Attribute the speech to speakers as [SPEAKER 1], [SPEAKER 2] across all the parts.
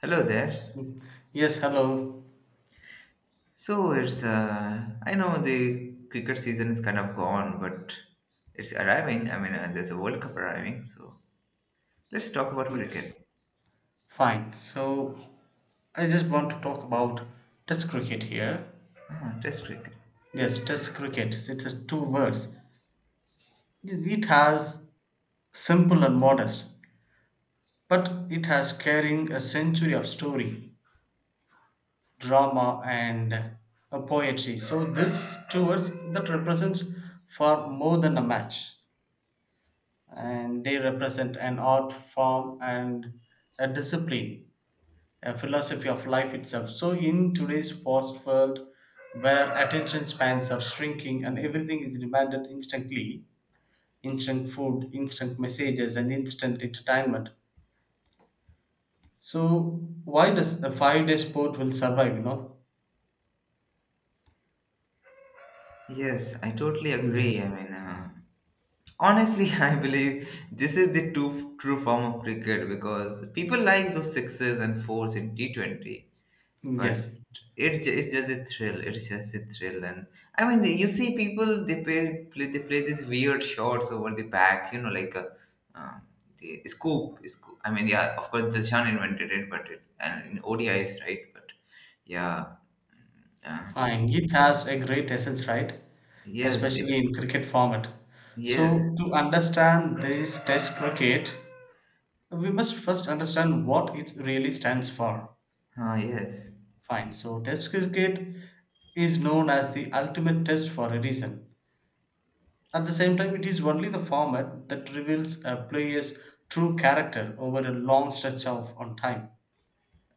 [SPEAKER 1] Hello there.
[SPEAKER 2] Yes, hello.
[SPEAKER 1] So it's I know the cricket season is kind of gone, but it's arriving. I mean, there's a World Cup arriving, so let's talk about
[SPEAKER 2] Yes,
[SPEAKER 1] cricket.
[SPEAKER 2] fine. So I just want to talk about Test cricket here.
[SPEAKER 1] Ah, Test cricket.
[SPEAKER 2] Yes, Test cricket. It's a two words. It has simple and modest, but it has carrying a century of story, drama, and a poetry. So this two words that represents far more than a match, and they represent an art form and a discipline a philosophy of life itself. So, in today's fast world, where attention spans are shrinking and everything is demanded instantly instant food, instant messages, and instant entertainment so, why does a 5-day sport will survive, you know?
[SPEAKER 1] Yes, I totally agree.
[SPEAKER 2] Yes,
[SPEAKER 1] I mean, honestly, I believe this is the true form of cricket because people like those sixes and fours in T20, but
[SPEAKER 2] yes,
[SPEAKER 1] it's just a thrill. It's just a thrill, and I mean, you see people they play, play they play these weird shots over the back, you know, like a um, the scoop. I mean, yeah, of course, Dilshan invented it, but it and in O D is, right? But yeah, mm, yeah,
[SPEAKER 2] fine. It has a great essence, right?
[SPEAKER 1] yes,
[SPEAKER 2] Especially in cricket format.
[SPEAKER 1] yes,
[SPEAKER 2] So, to understand this test cricket, we must first understand what it really stands for.
[SPEAKER 1] yes.
[SPEAKER 2] Fine. So test cricket is known as the ultimate test for a reason. At the same time, it is only the format that reveals a player's true character over a long stretch of on time.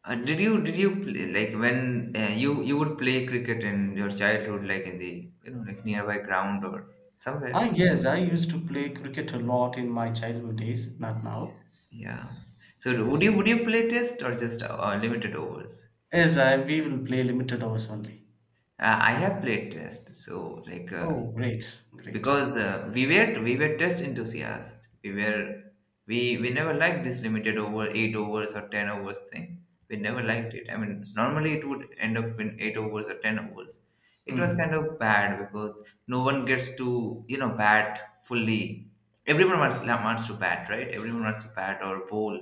[SPEAKER 1] Did you play, like when you would play cricket in your childhood, like in the, you know, like nearby ground or somewhere?
[SPEAKER 2] Ah, yes, I used to play cricket a lot in my childhood days, not now.
[SPEAKER 1] Yeah. So would you
[SPEAKER 2] Yes.
[SPEAKER 1] would you play test or just limited overs?
[SPEAKER 2] Yes, we will play limited hours only.
[SPEAKER 1] I have played test, so like
[SPEAKER 2] Oh, great, great.
[SPEAKER 1] because we were test enthusiasts. We were we never liked this limited over eight overs or ten overs thing. We never
[SPEAKER 2] Oh,
[SPEAKER 1] liked it. I mean, normally it would end up in eight overs or ten overs. It was kind
[SPEAKER 2] mm.
[SPEAKER 1] of bad because no one gets to, you know, bat fully. Everyone wants to bat, right? Everyone wants to bat or bowl.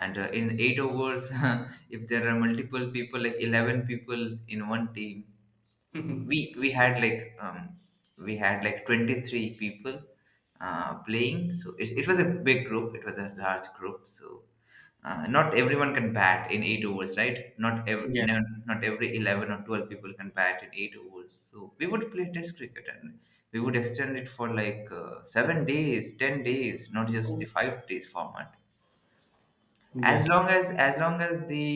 [SPEAKER 1] And in eight overs, if there are multiple people, like 11 people in one team, we we had like um we had like 23 people playing. So it was a big group, it was a large group, so not everyone can bat in eight overs, right? Not
[SPEAKER 2] Yes.
[SPEAKER 1] no, not every 11 or 12 people can bat in eight overs. So we would play test cricket, and we would extend it for like 7 days, 10 days, not just
[SPEAKER 2] Okay.
[SPEAKER 1] the 5 days format. as
[SPEAKER 2] Yes,
[SPEAKER 1] long as as long as the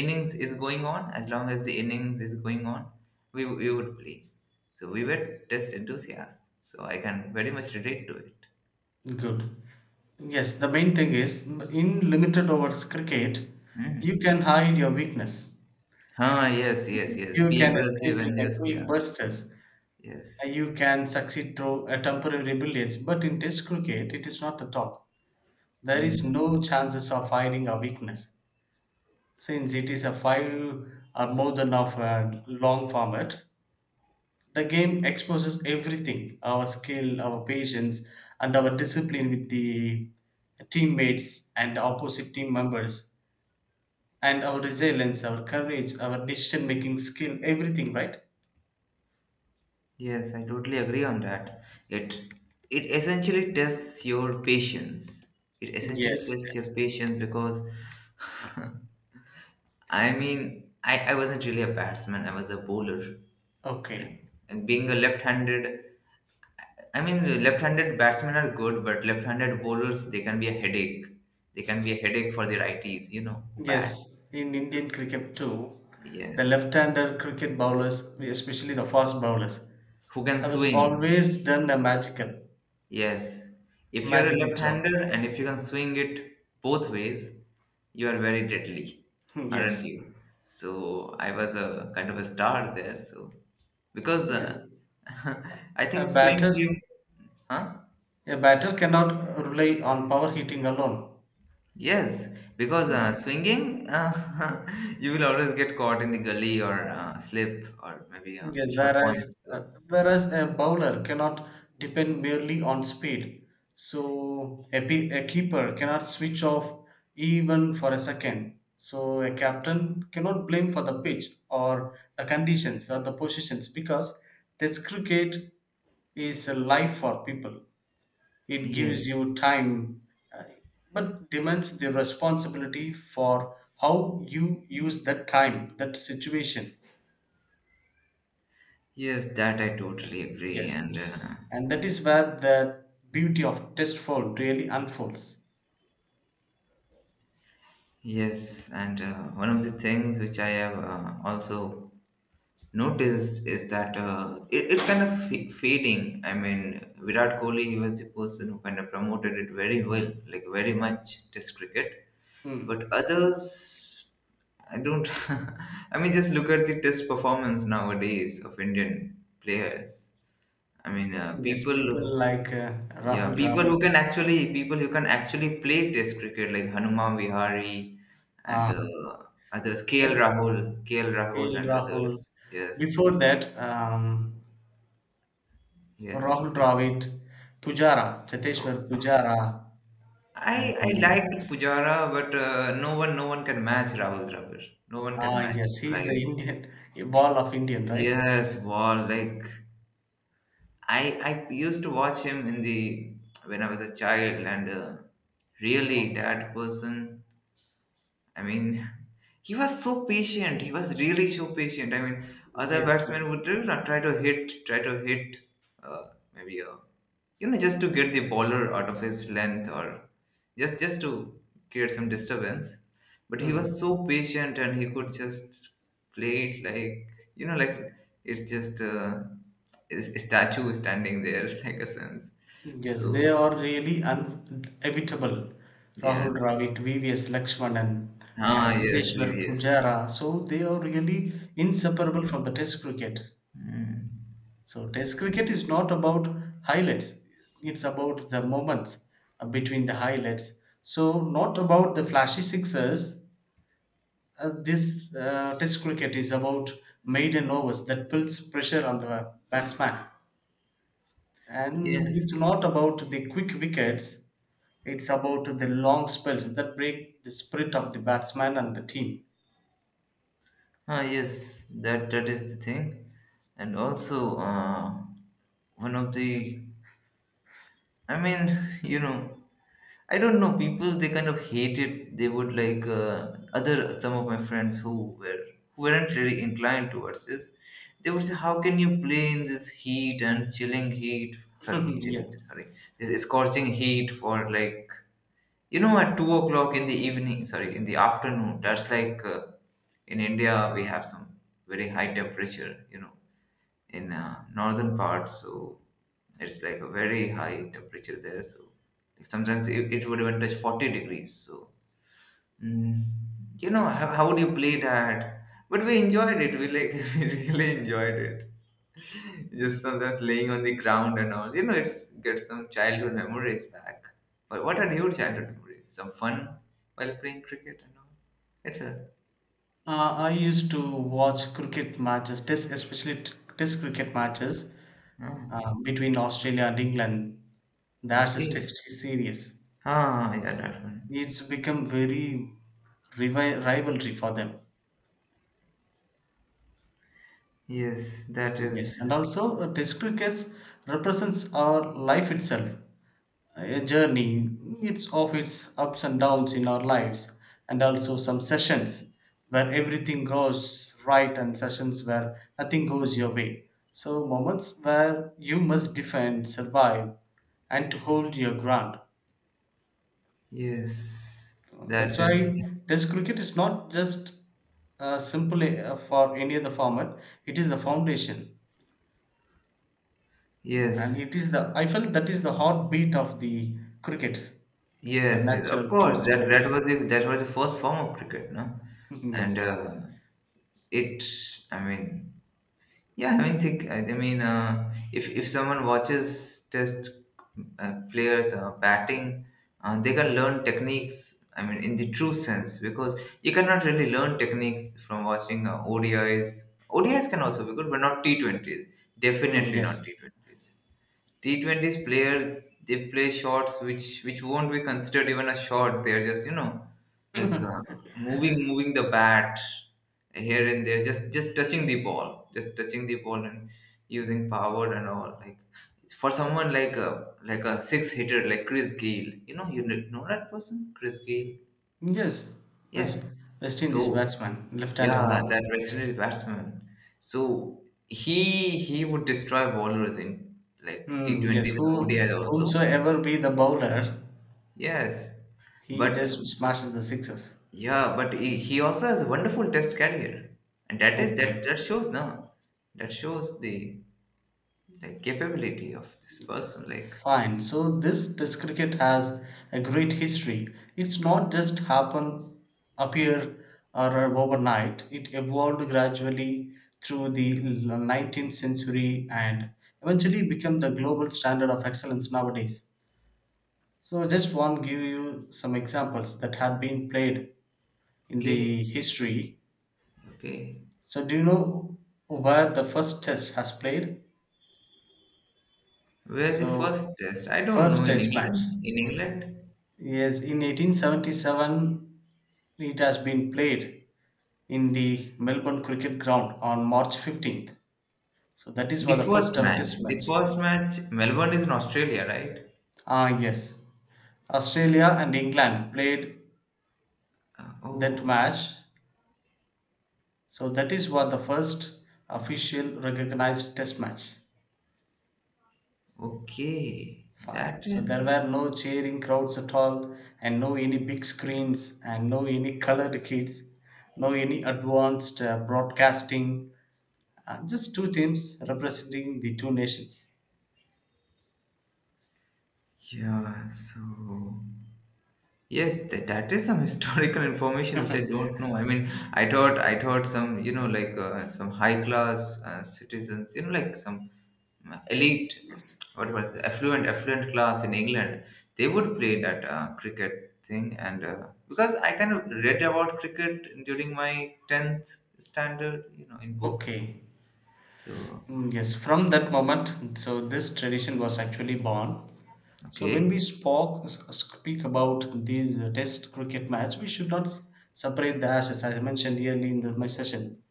[SPEAKER 1] innings is going on, as long as the innings is going on we would play. So we were test enthusiasts, so I can very much relate to it.
[SPEAKER 2] good. Yes, the main thing is in limited overs cricket,
[SPEAKER 1] Hmm.
[SPEAKER 2] you can hide your weakness.
[SPEAKER 1] Ah, yes, yes, yes.
[SPEAKER 2] You
[SPEAKER 1] Be
[SPEAKER 2] can
[SPEAKER 1] aggressive
[SPEAKER 2] escape
[SPEAKER 1] and
[SPEAKER 2] in a
[SPEAKER 1] just, yeah.
[SPEAKER 2] quick bursts.
[SPEAKER 1] Yes.
[SPEAKER 2] You can succeed through a temporary brilliance. But in Test cricket, it is not at all. There is
[SPEAKER 1] Mm.
[SPEAKER 2] no chances of hiding a weakness since it is a five or more than of a long format. The game exposes everything: our skill, our patience, and our discipline with the teammates and opposite team members. And our resilience, our courage, our decision making skill, everything, right?
[SPEAKER 1] Yes. I totally agree on that. It it essentially tests your patience. It essentially
[SPEAKER 2] Yes.
[SPEAKER 1] tests your
[SPEAKER 2] Yes.
[SPEAKER 1] patience because I mean, I wasn't really a batsman. I was a bowler.
[SPEAKER 2] Okay.
[SPEAKER 1] And being a left-handed, I mean, left-handed batsmen are good, but left-handed bowlers, they can be a headache. They can be a headache for the righties, you know, who bat.
[SPEAKER 2] Yes, in Indian cricket too, the
[SPEAKER 1] Yes,
[SPEAKER 2] left-hander cricket bowlers, especially the fast bowlers,
[SPEAKER 1] who can
[SPEAKER 2] have
[SPEAKER 1] swing?
[SPEAKER 2] always done a magical,
[SPEAKER 1] Yes, if you're a
[SPEAKER 2] magical job.
[SPEAKER 1] left-hander and if you can swing it both ways, you are very deadly,
[SPEAKER 2] Hmm,
[SPEAKER 1] aren't
[SPEAKER 2] yes.
[SPEAKER 1] you? So I was a kind of a star there. So because
[SPEAKER 2] Yes.
[SPEAKER 1] I
[SPEAKER 2] A
[SPEAKER 1] think swing
[SPEAKER 2] batter,
[SPEAKER 1] came, huh?
[SPEAKER 2] a batter cannot rely on power hitting alone.
[SPEAKER 1] Yes, because swinging, you will always get caught in the gully or slip or maybe a
[SPEAKER 2] Yes,
[SPEAKER 1] short point.
[SPEAKER 2] whereas uh,
[SPEAKER 1] So,
[SPEAKER 2] whereas a bowler cannot depend merely on speed, so a keeper cannot switch off even for a second. So a captain cannot blame for the pitch or the conditions or the positions because test cricket is a life for people. It gives
[SPEAKER 1] yes,
[SPEAKER 2] you time, uh, but demands the responsibility for how you use that time, that situation.
[SPEAKER 1] yes, that I totally agree.
[SPEAKER 2] Yes,
[SPEAKER 1] And
[SPEAKER 2] and that is where the beauty of Testfold really unfolds.
[SPEAKER 1] yes, and one of the things which I have also noticed is that it's kind of fading. I mean, Virat Kohli, he was the person who kind of promoted it very well, like very much, Test cricket.
[SPEAKER 2] Mm.
[SPEAKER 1] But others, I don't. I mean, just look at the test performance nowadays of Indian players. I mean,
[SPEAKER 2] Yes,
[SPEAKER 1] people.
[SPEAKER 2] people
[SPEAKER 1] Who,
[SPEAKER 2] like
[SPEAKER 1] yeah,
[SPEAKER 2] Rahul
[SPEAKER 1] people who
[SPEAKER 2] Dravid,
[SPEAKER 1] can actually play test cricket like Hanuman Vihari and
[SPEAKER 2] uh,
[SPEAKER 1] others. KL
[SPEAKER 2] that
[SPEAKER 1] Rahul, KL Rahul,
[SPEAKER 2] Kail
[SPEAKER 1] and
[SPEAKER 2] Rahul.
[SPEAKER 1] others. Yes,
[SPEAKER 2] Before that,
[SPEAKER 1] yes.
[SPEAKER 2] Rahul
[SPEAKER 1] Okay.
[SPEAKER 2] Dravid, Pujara,
[SPEAKER 1] Oh.
[SPEAKER 2] Cheteshwar Pujara,
[SPEAKER 1] I
[SPEAKER 2] and
[SPEAKER 1] liked Pujara, but no one can match Rahul Dravid. No one can
[SPEAKER 2] ah
[SPEAKER 1] match
[SPEAKER 2] yes,
[SPEAKER 1] him.
[SPEAKER 2] he is the
[SPEAKER 1] Like,
[SPEAKER 2] Indian, ball of Indian, right?
[SPEAKER 1] yes, ball like I I used to watch him in the when I was a child, and really
[SPEAKER 2] Okay.
[SPEAKER 1] that person. I mean, he was so patient. He was really so patient. I mean, other
[SPEAKER 2] Yes.
[SPEAKER 1] batsmen
[SPEAKER 2] Yes.
[SPEAKER 1] would, you know, try to hit, uh, maybe a, you know, just to get the bowler out of his length or just to create some disturbance, but he
[SPEAKER 2] Hmm.
[SPEAKER 1] was so patient and he could just play it like, you know, like it's just a statue standing there like a sense.
[SPEAKER 2] Yes, they
[SPEAKER 1] So
[SPEAKER 2] are really inevitable.
[SPEAKER 1] yes.
[SPEAKER 2] Rahul Dravid, VVS Lakshmanan,
[SPEAKER 1] Ah,
[SPEAKER 2] and
[SPEAKER 1] yes,
[SPEAKER 2] Jiteshwar
[SPEAKER 1] yes.
[SPEAKER 2] Pujara. So they are really inseparable from the Test cricket.
[SPEAKER 1] Mm.
[SPEAKER 2] So Test cricket is not about highlights; it's about the moments between the highlights. So not about the flashy sixes. This Test cricket is about maiden overs that puts pressure on the batsman, and
[SPEAKER 1] Yes.
[SPEAKER 2] it's not about the quick wickets. It's about the long spells that break the spirit of the batsman and the team.
[SPEAKER 1] Ah, yes. That is the thing, and also one of the. I mean, you know, I don't know, people they kind of hate it. They would like other, some of my friends were who weren't really inclined towards this. They would say, how can you play in this heat and chilling heat? Sorry, chilling.
[SPEAKER 2] Yes.
[SPEAKER 1] Sorry, this scorching heat for like, you know, at 2 o'clock in the evening. Sorry, in the afternoon. That's like in India we have some very high temperature. You know, in northern parts, so it's like a very high temperature there. So sometimes it would even touch 40 degrees. So, mm, you know, how do you play that? But we enjoyed it. We like we really enjoyed it. Just sometimes laying on the ground and all. You know, it's get some childhood memories back. But what are your childhood memories? Some fun while playing cricket and all. It's a
[SPEAKER 2] I used to watch cricket matches, test, especially test cricket matches
[SPEAKER 1] Oh,
[SPEAKER 2] between Australia and England, the Ashes
[SPEAKER 1] okay.
[SPEAKER 2] Test series.
[SPEAKER 1] Ah, yeah, that one.
[SPEAKER 2] It's become very rivalry for them.
[SPEAKER 1] Yes, that is.
[SPEAKER 2] Yes, and also test cricket represents our life itself. A journey, it's of its ups and downs in our lives, and also some sessions where everything goes right and sessions where nothing goes your way. So moments where you must defend survive and to hold your ground.
[SPEAKER 1] Yes,
[SPEAKER 2] That's
[SPEAKER 1] that is.
[SPEAKER 2] why test cricket is not just simply for any other format. It is the foundation, and
[SPEAKER 1] Yes,
[SPEAKER 2] it is the I felt that is the heartbeat of the cricket, the
[SPEAKER 1] yes, yes. Of
[SPEAKER 2] natural true
[SPEAKER 1] course,
[SPEAKER 2] sports.
[SPEAKER 1] that was the first form of cricket, no? And
[SPEAKER 2] Yes.
[SPEAKER 1] it I mean yeah I mean think I mean, if someone watches test players batting, they can learn techniques, I mean, in the true sense, because you cannot really learn techniques from watching odis can also be good but not T20s,
[SPEAKER 2] Mm,
[SPEAKER 1] definitely not
[SPEAKER 2] yes.
[SPEAKER 1] t20s players. They play shots which won't be considered even a shot. They are just, you know, like moving the bat here and there, just touching the ball and using power and all, like for someone like a six hitter like Chris Gayle. You know, that person, Chris Gayle?
[SPEAKER 2] Yes.
[SPEAKER 1] Yes.
[SPEAKER 2] West, West
[SPEAKER 1] So,
[SPEAKER 2] Indies batsman,
[SPEAKER 1] yeah,
[SPEAKER 2] left-handed
[SPEAKER 1] that
[SPEAKER 2] one.
[SPEAKER 1] West Indian batsman. So he would destroy bowlers in like
[SPEAKER 2] Mm, yes.
[SPEAKER 1] T20s and
[SPEAKER 2] Who
[SPEAKER 1] odis also.
[SPEAKER 2] whomsoever be the bowler,
[SPEAKER 1] Yes,
[SPEAKER 2] he
[SPEAKER 1] but
[SPEAKER 2] just smashes the sixes.
[SPEAKER 1] yeah, but he also has a wonderful test career, and that is that
[SPEAKER 2] Okay.
[SPEAKER 1] that shows now. That shows the, like, capability of this person. Like,
[SPEAKER 2] Fine. So this test cricket has a great history. It's not just happen appear or overnight. It evolved gradually through the 19th century and eventually became the global standard of excellence nowadays. So just want give you some examples that had been played in
[SPEAKER 1] okay,
[SPEAKER 2] the history.
[SPEAKER 1] okay,
[SPEAKER 2] So do you know where the first test has played?
[SPEAKER 1] where the first
[SPEAKER 2] So
[SPEAKER 1] test? I don't know,
[SPEAKER 2] first
[SPEAKER 1] in
[SPEAKER 2] test match.
[SPEAKER 1] England. In England,
[SPEAKER 2] Yes, in 1877 it has been played in the Melbourne Cricket Ground on March 15th. So that is where
[SPEAKER 1] the
[SPEAKER 2] the first
[SPEAKER 1] first
[SPEAKER 2] ever
[SPEAKER 1] match,
[SPEAKER 2] test
[SPEAKER 1] the
[SPEAKER 2] match.
[SPEAKER 1] first match. Melbourne is in Australia, right?
[SPEAKER 2] Ah yes. Australia and England played that
[SPEAKER 1] Oh,
[SPEAKER 2] match. So that is what the first official recognized test match.
[SPEAKER 1] okay. That
[SPEAKER 2] Fine. So there
[SPEAKER 1] is,
[SPEAKER 2] were no cheering crowds at all, and no any big screens, and no any colored kids, no any advanced broadcasting. Just two teams representing the two nations.
[SPEAKER 1] yeah. So yes, that is some historical information which I don't know. I mean, I thought some, you know, like some high class citizens, you know, like some elite,
[SPEAKER 2] Yes.
[SPEAKER 1] whatever, affluent class in England, they would play that cricket thing. And because I kind of read about cricket during my 10th standard, you know, in books.
[SPEAKER 2] Okay.
[SPEAKER 1] So,
[SPEAKER 2] Mm, yes. From that moment, so this tradition was actually born. So when
[SPEAKER 1] okay.
[SPEAKER 2] we speak about these test cricket match, we should not separate the ashes, as I mentioned early in my session.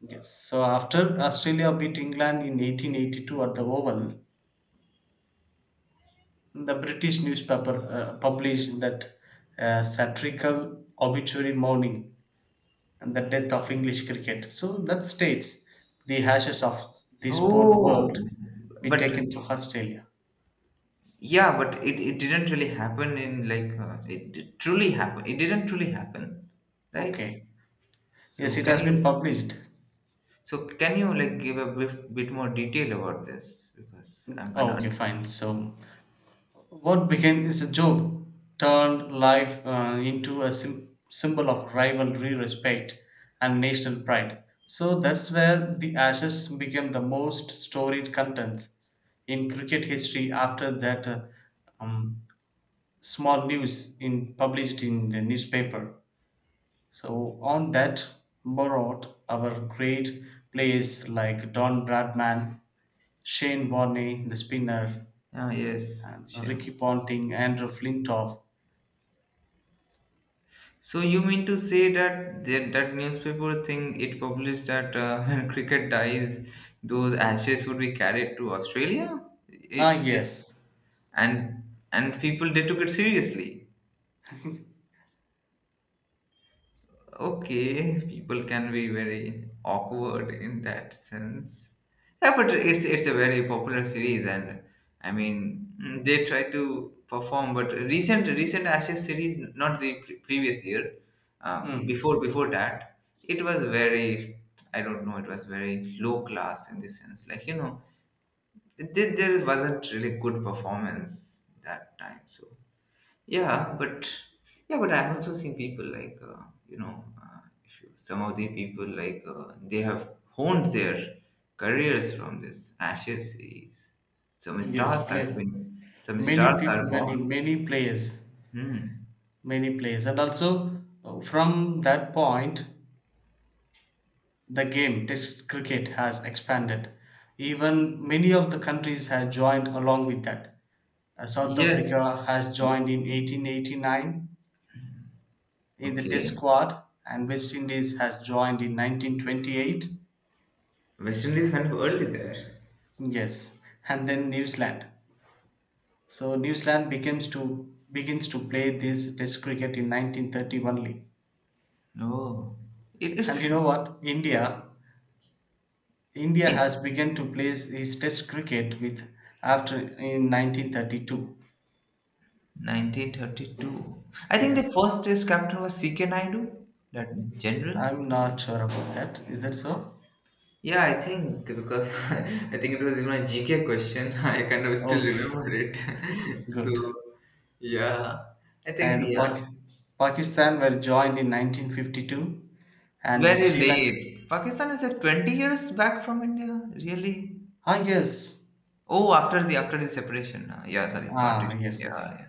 [SPEAKER 2] Yes. So after Australia beat England in 1882 at the Oval, the British newspaper published that satirical obituary mourning and the death of English cricket. So that states the ashes of the sport world
[SPEAKER 1] Oh,
[SPEAKER 2] be
[SPEAKER 1] but
[SPEAKER 2] taken to Australia.
[SPEAKER 1] yeah, but it didn't really happen in like did truly happen. It didn't truly happen, right?
[SPEAKER 2] Okay. Yes,
[SPEAKER 1] So
[SPEAKER 2] it
[SPEAKER 1] can
[SPEAKER 2] has
[SPEAKER 1] you,
[SPEAKER 2] been published.
[SPEAKER 1] so can you, like, give a bit more detail about this because I'm kind
[SPEAKER 2] Oh,
[SPEAKER 1] of
[SPEAKER 2] okay,
[SPEAKER 1] unsure.
[SPEAKER 2] fine. So what began as a joke turned life into a sim symbol of rivalry, respect, and national pride. So that's where the Ashes became the most storied contents in cricket history after that um, small news in published in the newspaper. So on that borrowed our great players like Don Bradman, Shane Warne, the spinner,
[SPEAKER 1] Ah, yes,
[SPEAKER 2] and Ricky
[SPEAKER 1] sure.
[SPEAKER 2] Ponting, Andrew Flintoff.
[SPEAKER 1] So you mean to say that that, newspaper thing it published that when cricket dies, those ashes would be carried to Australia? It
[SPEAKER 2] Ah,
[SPEAKER 1] just
[SPEAKER 2] yes.
[SPEAKER 1] and and people they took it seriously. Okay, people can be very awkward in that sense. Yeah, but it's a very popular series, and I mean, they try to perform, but recent ashes series, not the previous year.
[SPEAKER 2] Hmm.
[SPEAKER 1] Before that, it was very, I don't know, it was very low class, in the sense like, you know, there wasn't really good performance that time. So yeah, but yeah, but I've also seen people like if you, some of the people like they have honed their careers from this Ashes series. Some
[SPEAKER 2] Yes,
[SPEAKER 1] stars have
[SPEAKER 2] play.
[SPEAKER 1] been, some
[SPEAKER 2] Many
[SPEAKER 1] stars
[SPEAKER 2] people,
[SPEAKER 1] are
[SPEAKER 2] many,
[SPEAKER 1] born.
[SPEAKER 2] many players,
[SPEAKER 1] Hmm.
[SPEAKER 2] many players. And also, from that point, the game, Test cricket, has expanded. Even many of the countries have joined along with that. South
[SPEAKER 1] Yes.
[SPEAKER 2] Africa has joined in 1889 in the Test
[SPEAKER 1] Okay.
[SPEAKER 2] squad, and West Indies has joined in 1928.
[SPEAKER 1] West Indies kind of early there.
[SPEAKER 2] Yes, and then New Zealand. So New Zealand begins to play this test cricket in 1930 only.
[SPEAKER 1] No,
[SPEAKER 2] And
[SPEAKER 1] it's
[SPEAKER 2] you know what? India
[SPEAKER 1] in
[SPEAKER 2] has begun to play his test cricket with after in 1932.
[SPEAKER 1] 1932. I think
[SPEAKER 2] Yes.
[SPEAKER 1] the first test captain was CK Naidu, that general.
[SPEAKER 2] I'm not sure about that. Is that so?
[SPEAKER 1] Yeah, I think because I think it was in my GK question. I kind of still
[SPEAKER 2] Okay,
[SPEAKER 1] remember it. So,
[SPEAKER 2] good.
[SPEAKER 1] yeah, I think,
[SPEAKER 2] And
[SPEAKER 1] yeah,
[SPEAKER 2] Pakistan were joined in 1952 and
[SPEAKER 1] very
[SPEAKER 2] Sri Lanka.
[SPEAKER 1] late. Pakistan is at 20 years back from India, really?
[SPEAKER 2] Ah, yes.
[SPEAKER 1] Oh, after the separation. Yeah, sorry,
[SPEAKER 2] Ah,
[SPEAKER 1] partition.
[SPEAKER 2] yes,
[SPEAKER 1] Yeah,
[SPEAKER 2] yes.
[SPEAKER 1] yeah.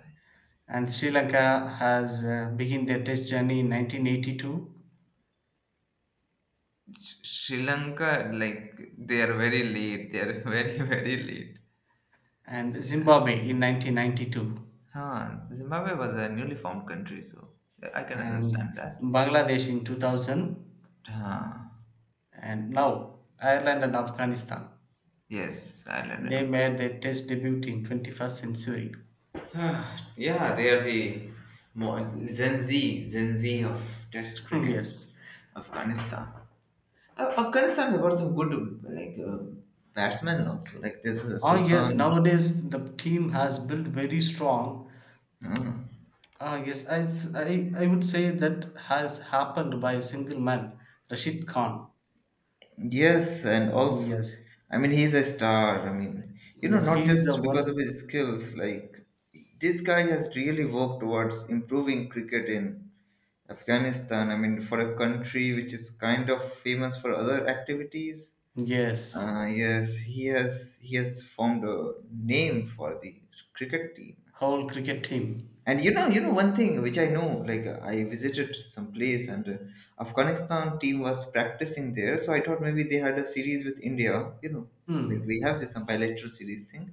[SPEAKER 2] And Sri Lanka has begun their test journey in 1982
[SPEAKER 1] Sri Lanka, like, they are very late. They are very, very late.
[SPEAKER 2] and Zimbabwe in 1992
[SPEAKER 1] Huh. Zimbabwe was a newly formed country, so I can understand
[SPEAKER 2] and
[SPEAKER 1] that.
[SPEAKER 2] Bangladesh in 2000
[SPEAKER 1] Huh.
[SPEAKER 2] and now Ireland and Afghanistan.
[SPEAKER 1] Yes, Ireland, yeah.
[SPEAKER 2] They made their test debut in 21st century.
[SPEAKER 1] Ah, yeah, they are the more Gen Z, Gen Z of Test cricket,
[SPEAKER 2] Yes.
[SPEAKER 1] Afghanistan. Afghanistan have got some good, like batsmen also, like this
[SPEAKER 2] Ah yes,
[SPEAKER 1] Sultan.
[SPEAKER 2] nowadays the team has built very strong.
[SPEAKER 1] uh,
[SPEAKER 2] Ah yes, I would say that has happened by a single man, Rashid Khan.
[SPEAKER 1] Yes, and also,
[SPEAKER 2] Yes,
[SPEAKER 1] I mean, he's a star. I mean, you know,
[SPEAKER 2] yes,
[SPEAKER 1] not
[SPEAKER 2] he is
[SPEAKER 1] just
[SPEAKER 2] the
[SPEAKER 1] because of
[SPEAKER 2] one.
[SPEAKER 1] his skills, like this guy has really worked towards improving cricket in Afghanistan. I mean, for a country which is kind of famous for other activities,
[SPEAKER 2] Yes,
[SPEAKER 1] Yes, he has formed a name for the cricket team.
[SPEAKER 2] whole cricket team.
[SPEAKER 1] And you know one thing which I know, like I visited some place and Afghanistan team was practicing there, so I thought maybe they had a series with India. You know, like we
[SPEAKER 2] Hmm.
[SPEAKER 1] have this some bilateral series thing,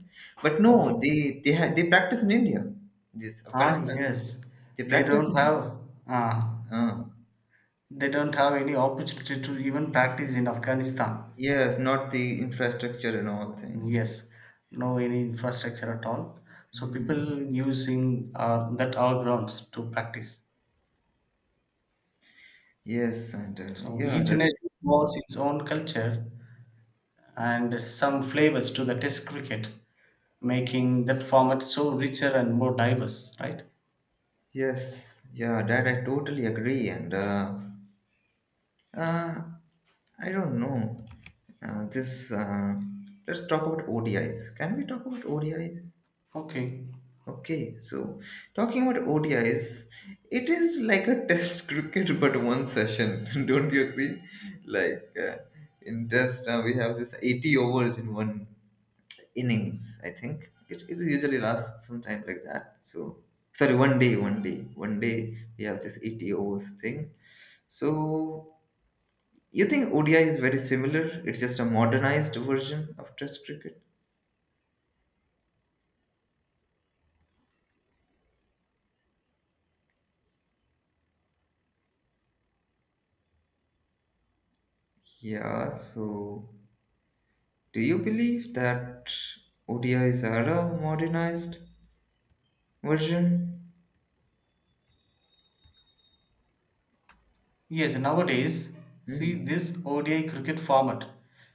[SPEAKER 1] but
[SPEAKER 2] Okay.
[SPEAKER 1] no, they practice in India. This
[SPEAKER 2] Ah,
[SPEAKER 1] Afghanistan people,
[SPEAKER 2] yes.
[SPEAKER 1] they
[SPEAKER 2] They
[SPEAKER 1] practice
[SPEAKER 2] don't
[SPEAKER 1] in
[SPEAKER 2] have ah,
[SPEAKER 1] uh,
[SPEAKER 2] they don't have any opportunity to even practice in Afghanistan.
[SPEAKER 1] yes, not the infrastructure and all things.
[SPEAKER 2] Yes, no any infrastructure at all. So
[SPEAKER 1] Mm.
[SPEAKER 2] people using that our grounds to practice.
[SPEAKER 1] Yes, and
[SPEAKER 2] So
[SPEAKER 1] yeah,
[SPEAKER 2] each
[SPEAKER 1] that
[SPEAKER 2] nation was its own culture and some flavors to the test cricket, making that format so richer and more diverse, right?
[SPEAKER 1] Yes, yeah, that I totally agree, and uh, I don't know. This Let's talk about ODIs. Can we talk about ODIs?
[SPEAKER 2] Okay.
[SPEAKER 1] Okay, so talking about ODIs, it is like a test cricket but one session. Don't you agree? Like uh, in test, we have this 80 overs in one innings. I think it usually lasts some time like that. So sorry, 1 day we have this 80 overs thing. So you think ODI is very similar? It's just a modernized version of Test cricket. Yeah. So do you believe that ODIs are a modernized version?
[SPEAKER 2] Yes, nowadays, see
[SPEAKER 1] Hmm.
[SPEAKER 2] this ODI cricket format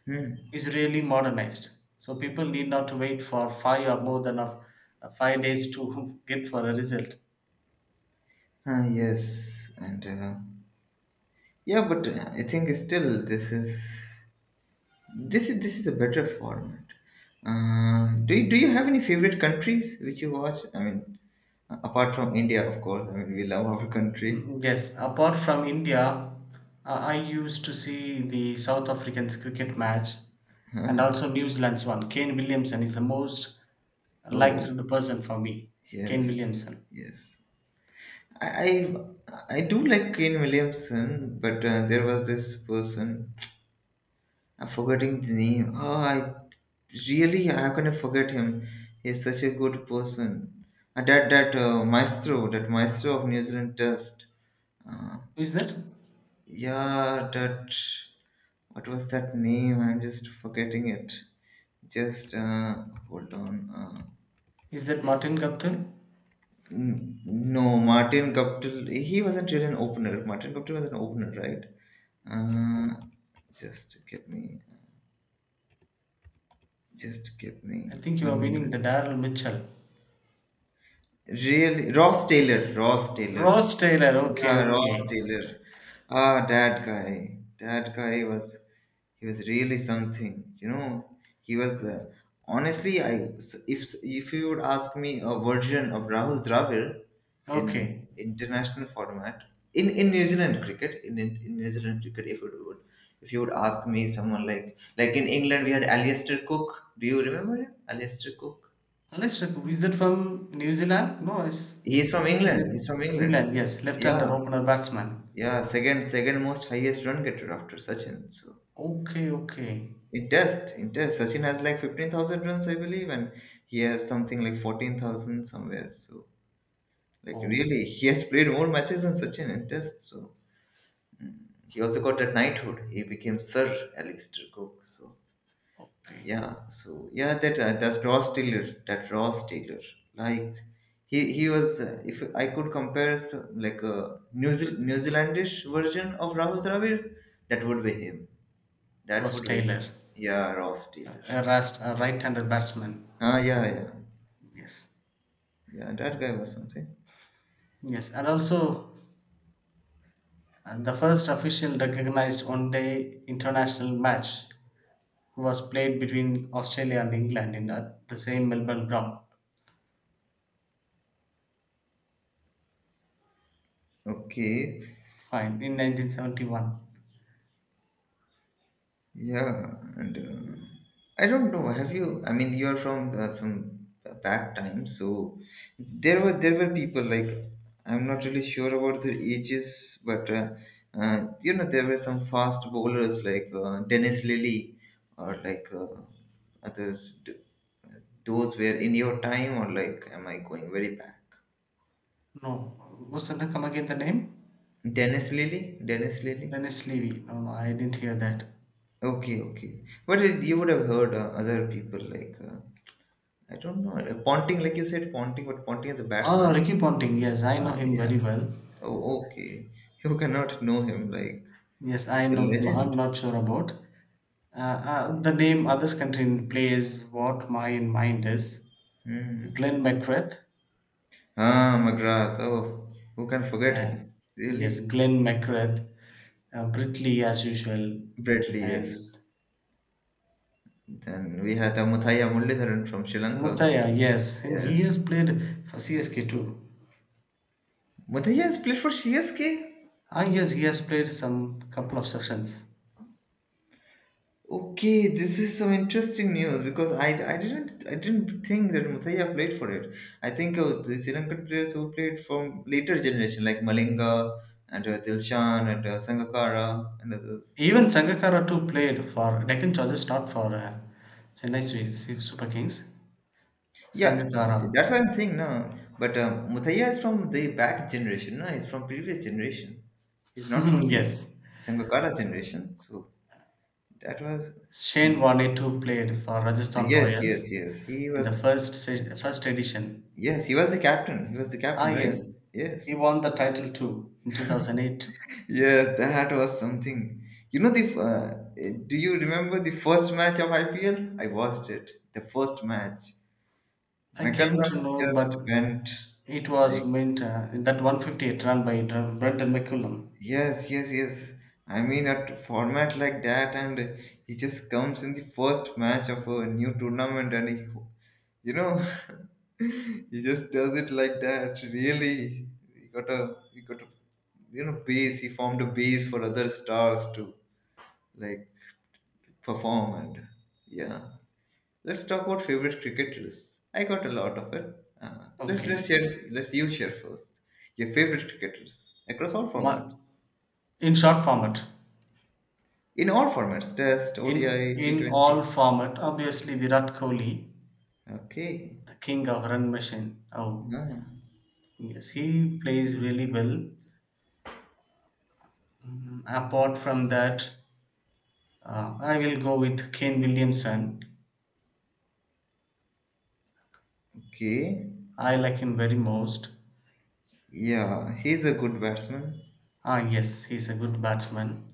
[SPEAKER 1] Hmm.
[SPEAKER 2] is really modernized. So people need not to wait for five or more than of 5 days to get for a result.
[SPEAKER 1] Yes. And yeah, but I think still this is a better format. Do you have any favorite countries which you watch? I mean, apart from India, of course. I mean, we love our country.
[SPEAKER 2] Mm, yes, apart from India, I used to see the South Africans cricket match and also New Zealand's one. Kane Williamson is the most liked
[SPEAKER 1] Oh.
[SPEAKER 2] person for me. Kane
[SPEAKER 1] Yes,
[SPEAKER 2] Williamson.
[SPEAKER 1] yes. I I do like Kane Williamson, but there was this person. I'm forgetting the name. Oh, I really I'm gonna forget him. He's such a good person. And that that maestro, that maestro of New Zealand Test. Uh,
[SPEAKER 2] Who is that?
[SPEAKER 1] yeah, that. What was that name? I'm just forgetting it. Just hold on. Uh,
[SPEAKER 2] Is that Martin Guptill?
[SPEAKER 1] No, Martin Guptill, he wasn't really an opener. Martin Guptill was an opener, right? Uh, just give me, just give
[SPEAKER 2] I
[SPEAKER 1] me
[SPEAKER 2] think you
[SPEAKER 1] one
[SPEAKER 2] are meaning
[SPEAKER 1] minute.
[SPEAKER 2] the Daryl Mitchell.
[SPEAKER 1] Really, Ross Taylor.
[SPEAKER 2] Ross Taylor. Okay,
[SPEAKER 1] Yeah, Ross
[SPEAKER 2] okay,
[SPEAKER 1] Taylor. Ah, that guy. That guy was. He was really something, you know. He was honestly, I. If you would ask me a version of Rahul Dravid in
[SPEAKER 2] okay.
[SPEAKER 1] international format in New Zealand cricket, if it would if you would ask me someone like in England we had Alistair Cook. Do you remember him? Alistair Cook.
[SPEAKER 2] Alex Rakub, is that from New Zealand? No,
[SPEAKER 1] He is from
[SPEAKER 2] he's
[SPEAKER 1] England. He's
[SPEAKER 2] in
[SPEAKER 1] from England.
[SPEAKER 2] England, yes,
[SPEAKER 1] Yeah,
[SPEAKER 2] left-hander opener batsman.
[SPEAKER 1] yeah. Second most highest run getter after Sachin. So.
[SPEAKER 2] Okay, okay.
[SPEAKER 1] It does. It does. Sachin has like 15,000 runs, I believe, and he has something like 14,000 somewhere. So, like,
[SPEAKER 2] Oh,
[SPEAKER 1] really, he has played more matches than Sachin in Test. So, he also got a knighthood. He became Sir Alistair Cook. So,
[SPEAKER 2] okay.
[SPEAKER 1] yeah. So, yeah, that's Ross Taylor. That Ross Taylor. Like, if I could compare like a New Zealandish version of Rahul Dravid, that would be him. That
[SPEAKER 2] Ross
[SPEAKER 1] would be him.
[SPEAKER 2] Taylor,
[SPEAKER 1] Yeah, Ross Taylor.
[SPEAKER 2] a right handed batsman.
[SPEAKER 1] Ah, yeah, yeah.
[SPEAKER 2] Yes,
[SPEAKER 1] Yeah, that guy was something.
[SPEAKER 2] yes. And also, the first official recognized one-day international match was played between Australia and England in at the same Melbourne ground.
[SPEAKER 1] Okay.
[SPEAKER 2] Fine, in 1971.
[SPEAKER 1] Yeah, and I don't know. Have you? I mean, you're from some back time, so there were people like. I'm not really sure about their ages, but you know, there were some fast bowlers like Dennis Lilly or like others. Those were in your time, or like am I going very back?
[SPEAKER 2] No, wasn't that come again the name?
[SPEAKER 1] Dennis Lilly, Dennis Lilly.
[SPEAKER 2] Dennis Levy. No, no, I didn't hear that.
[SPEAKER 1] Okay, okay. But it, you would have heard other people like, I don't know, Ponting, like you said, Ponting, but Ponting is a
[SPEAKER 2] Oh,
[SPEAKER 1] batsman.
[SPEAKER 2] Ricky Ponting. Yes, I
[SPEAKER 1] Ah,
[SPEAKER 2] know him
[SPEAKER 1] yeah.
[SPEAKER 2] very well.
[SPEAKER 1] Oh, okay. You cannot know him. Like
[SPEAKER 2] Yes,
[SPEAKER 1] he's
[SPEAKER 2] I
[SPEAKER 1] a
[SPEAKER 2] don't. I'm
[SPEAKER 1] legend.
[SPEAKER 2] not sure about the name. Others country plays what my mind is.
[SPEAKER 1] Hmm.
[SPEAKER 2] Glenn McGrath.
[SPEAKER 1] Ah, McGrath. Oh, who can forget
[SPEAKER 2] Uh,
[SPEAKER 1] him? Really,
[SPEAKER 2] yes, Glenn McGrath. Britley as usual,
[SPEAKER 1] Bradley. Yes.
[SPEAKER 2] and
[SPEAKER 1] Then we had a Muthaiya Muralidharan from Sri Lanka.
[SPEAKER 2] Mutaya. Yes, and
[SPEAKER 1] Yes.
[SPEAKER 2] he has played for CSK too.
[SPEAKER 1] Muthaiya has played for CSK.
[SPEAKER 2] Ah, yes, he has played some couple of sessions.
[SPEAKER 1] Okay, this is some interesting news because I didn't think that Muthaiya played for it. I think the Sri Lankan players who played from later generation like Malinga and Dilshan and Sangakkara and others.
[SPEAKER 2] Even Sangakkara too played for Deccan Chargers, not for Chennai Super Kings.
[SPEAKER 1] Yeah,
[SPEAKER 2] Sangakkara.
[SPEAKER 1] that's what I'm saying now. But Muthaiya is from the back generation. No, he's from previous generation. He's not from the
[SPEAKER 2] Yes,
[SPEAKER 1] Sangakkara generation. So that was
[SPEAKER 2] Shane
[SPEAKER 1] some.
[SPEAKER 2] Warne too played for Rajasthan
[SPEAKER 1] Yes, yes,
[SPEAKER 2] Royals
[SPEAKER 1] yes. He
[SPEAKER 2] in the
[SPEAKER 1] was.
[SPEAKER 2] first edition.
[SPEAKER 1] Yes, he was the captain. He was the
[SPEAKER 2] Ah
[SPEAKER 1] captain, right?
[SPEAKER 2] yes,
[SPEAKER 1] Yes.
[SPEAKER 2] he won the title too in 2008.
[SPEAKER 1] Yes, that was something. You know the do you remember the first match of IPL? I watched it. The first match.
[SPEAKER 2] I
[SPEAKER 1] McCallum
[SPEAKER 2] came to know,
[SPEAKER 1] just
[SPEAKER 2] but
[SPEAKER 1] went
[SPEAKER 2] it
[SPEAKER 1] like,
[SPEAKER 2] was meant in that 158 run by Brendan McCullum.
[SPEAKER 1] yes, yes, yes. I mean a format like that, and he just comes in the first match of a new tournament and he, you know, he just does it like that. Really, he got a you know, base, he formed a base for other stars too. Like performed. Yeah. Let's talk about favorite cricketers. I got a lot of it. Let's
[SPEAKER 2] Okay,
[SPEAKER 1] share. Let's you share first. Your favorite cricketers across all formats.
[SPEAKER 2] Ma- in short format,
[SPEAKER 1] In all formats, Test,
[SPEAKER 2] in
[SPEAKER 1] ODI,
[SPEAKER 2] in all
[SPEAKER 1] T20.
[SPEAKER 2] format, obviously Virat Kohli,
[SPEAKER 1] Okay.
[SPEAKER 2] the king of run machine. Oh
[SPEAKER 1] Yeah.
[SPEAKER 2] yes, he plays really well. Mm, apart from that. I will go with Kane Williamson.
[SPEAKER 1] Okay.
[SPEAKER 2] I like him very most.
[SPEAKER 1] Yeah, he's a good batsman.
[SPEAKER 2] Ah, yes, he's a good batsman.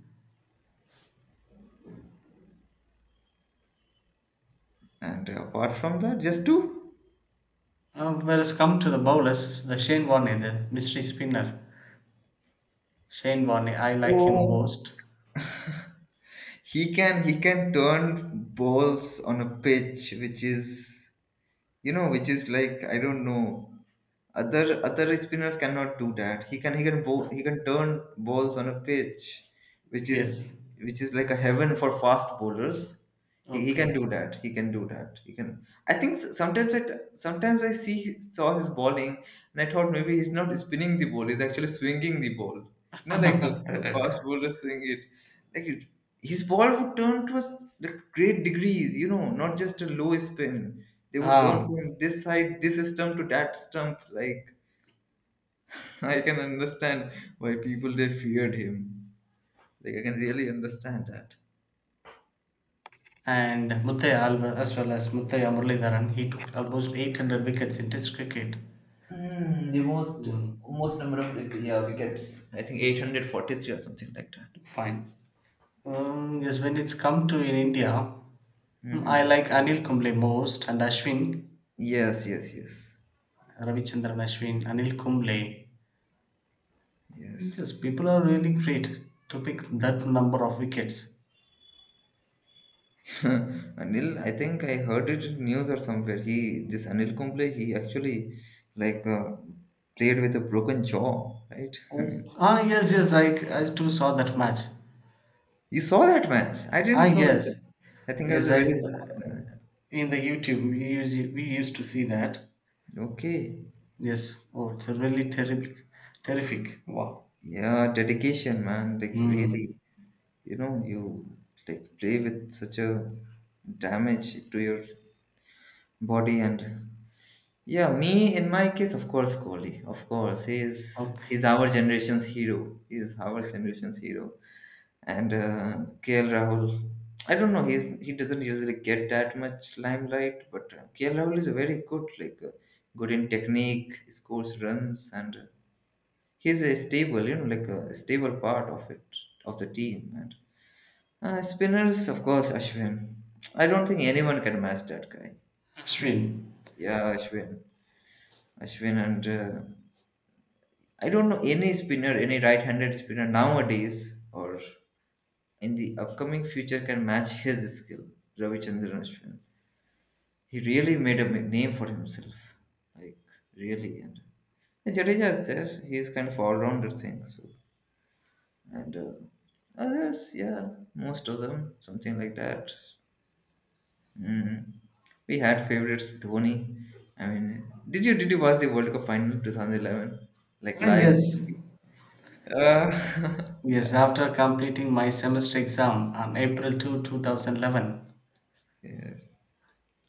[SPEAKER 1] And apart from that, just two.
[SPEAKER 2] Whereas come to the bowlers, the Shane Warne, the mystery spinner. Shane Warne, I like him
[SPEAKER 1] Oh,
[SPEAKER 2] most.
[SPEAKER 1] he can turn balls on a pitch, which is, you know, which is like, I don't know. Other spinners cannot do that. He can turn balls on a pitch, which is
[SPEAKER 2] Yes.
[SPEAKER 1] which is like a heaven for fast bowlers. He can
[SPEAKER 2] Okay.
[SPEAKER 1] do that. He can do that. He can. I think sometimes I see saw his bowling and I thought maybe he's not spinning the ball. He's actually swinging the ball. You know, like a fast bowler swing it. Like his ball would turn to us like great degrees, you know, not just a low spin. They would turn
[SPEAKER 2] ah,
[SPEAKER 1] from this side, this stump to that stump. Like I can understand why people they feared him. Like I can really understand that.
[SPEAKER 2] and Muthaya Alva- as well as Muthaya Muralidharan, he took almost 800 wickets in Test cricket.
[SPEAKER 1] Hmm, the most
[SPEAKER 2] Mm,
[SPEAKER 1] most number of like, yeah, wickets. I think 843 or something like that.
[SPEAKER 2] fine. Yes, when it's come to in India, I
[SPEAKER 1] Hmm.
[SPEAKER 2] like Anil Kumble most and Ashwin.
[SPEAKER 1] Yes, yes, yes,
[SPEAKER 2] Ravichandran Ashwin, Anil Kumble. Yes,
[SPEAKER 1] yes.
[SPEAKER 2] people are really great to pick that number of wickets.
[SPEAKER 1] Anil, I think I heard it in news or somewhere. He, this Anil Kumble, he actually like played with a broken jaw, right? I
[SPEAKER 2] Oh,
[SPEAKER 1] mean,
[SPEAKER 2] ah, yes, yes, I too saw that match.
[SPEAKER 1] you saw that match? I
[SPEAKER 2] Ah,
[SPEAKER 1] didn't saw it.
[SPEAKER 2] yes,
[SPEAKER 1] I think I was
[SPEAKER 2] yes,
[SPEAKER 1] a
[SPEAKER 2] I
[SPEAKER 1] very small guy.
[SPEAKER 2] in the YouTube we used to see that.
[SPEAKER 1] Okay.
[SPEAKER 2] Yes, oh, it's a really terrific, terrific. Wow.
[SPEAKER 1] Yeah, dedication, man. Like really,
[SPEAKER 2] Hmm.
[SPEAKER 1] you know, you like play with such a damage to your body. And yeah, me in my case, of course, Kohli. Of course, he is he's
[SPEAKER 2] Okay.
[SPEAKER 1] our generation's hero. He is our generation's hero. And KL Rahul. I don't know. He doesn't usually get that much limelight, but KL Rahul is very good, like good in technique, scores runs, and he's a stable, you know, like a stable part of it of the team. And spinners, of course, Ashwin. I don't think anyone can match that guy.
[SPEAKER 2] Ashwin.
[SPEAKER 1] Yeah, Ashwin, and I don't know any spinner, any right-handed spinner nowadays, or in the upcoming future can match his skill, Ravichandran Ashwin. He really made a name for himself, like really. And Jadeja is there; he is kind of all-rounder thing. So and others, yeah, most of them, something like that. Mm. We had favorites Dhoni. I mean, did you watch the World Cup final 2011 like
[SPEAKER 2] Ah,
[SPEAKER 1] live?
[SPEAKER 2] yes,
[SPEAKER 1] Uh,
[SPEAKER 2] yes. After completing my semester exam on April 2nd, 2, 2011,
[SPEAKER 1] yes.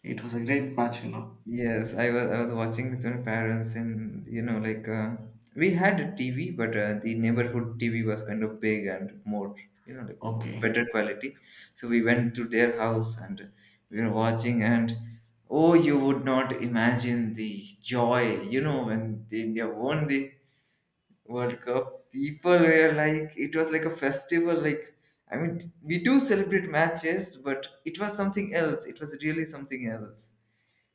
[SPEAKER 2] it was a great match, you know.
[SPEAKER 1] Yes, I was watching with my parents, and you know, like we had a TV, but the neighborhood TV was kind of big and more, you know, like more better
[SPEAKER 2] Okay.
[SPEAKER 1] quality. So we went to their house and we were watching, and oh, you would not imagine the joy, you know, when the India won the World Cup. People were like, it was like a festival. Like, I mean, we do celebrate matches, but it was something else. It was really something else,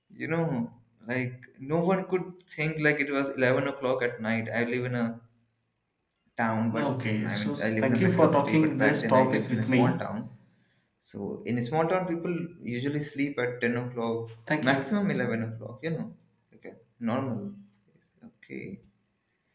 [SPEAKER 1] you know, like no one could think. Like, it was 11 o'clock at night. I live in a town, but
[SPEAKER 2] Okay,
[SPEAKER 1] I mean,
[SPEAKER 2] so
[SPEAKER 1] I live in a
[SPEAKER 2] thank you
[SPEAKER 1] metro
[SPEAKER 2] for
[SPEAKER 1] city, but
[SPEAKER 2] talking
[SPEAKER 1] back
[SPEAKER 2] this
[SPEAKER 1] then I
[SPEAKER 2] topic
[SPEAKER 1] lived in a
[SPEAKER 2] with
[SPEAKER 1] small
[SPEAKER 2] me.
[SPEAKER 1] town. So in a small town people usually sleep at 10 o'clock,
[SPEAKER 2] Thank you.
[SPEAKER 1] maximum 11 o'clock, you know. Okay, normal. Okay.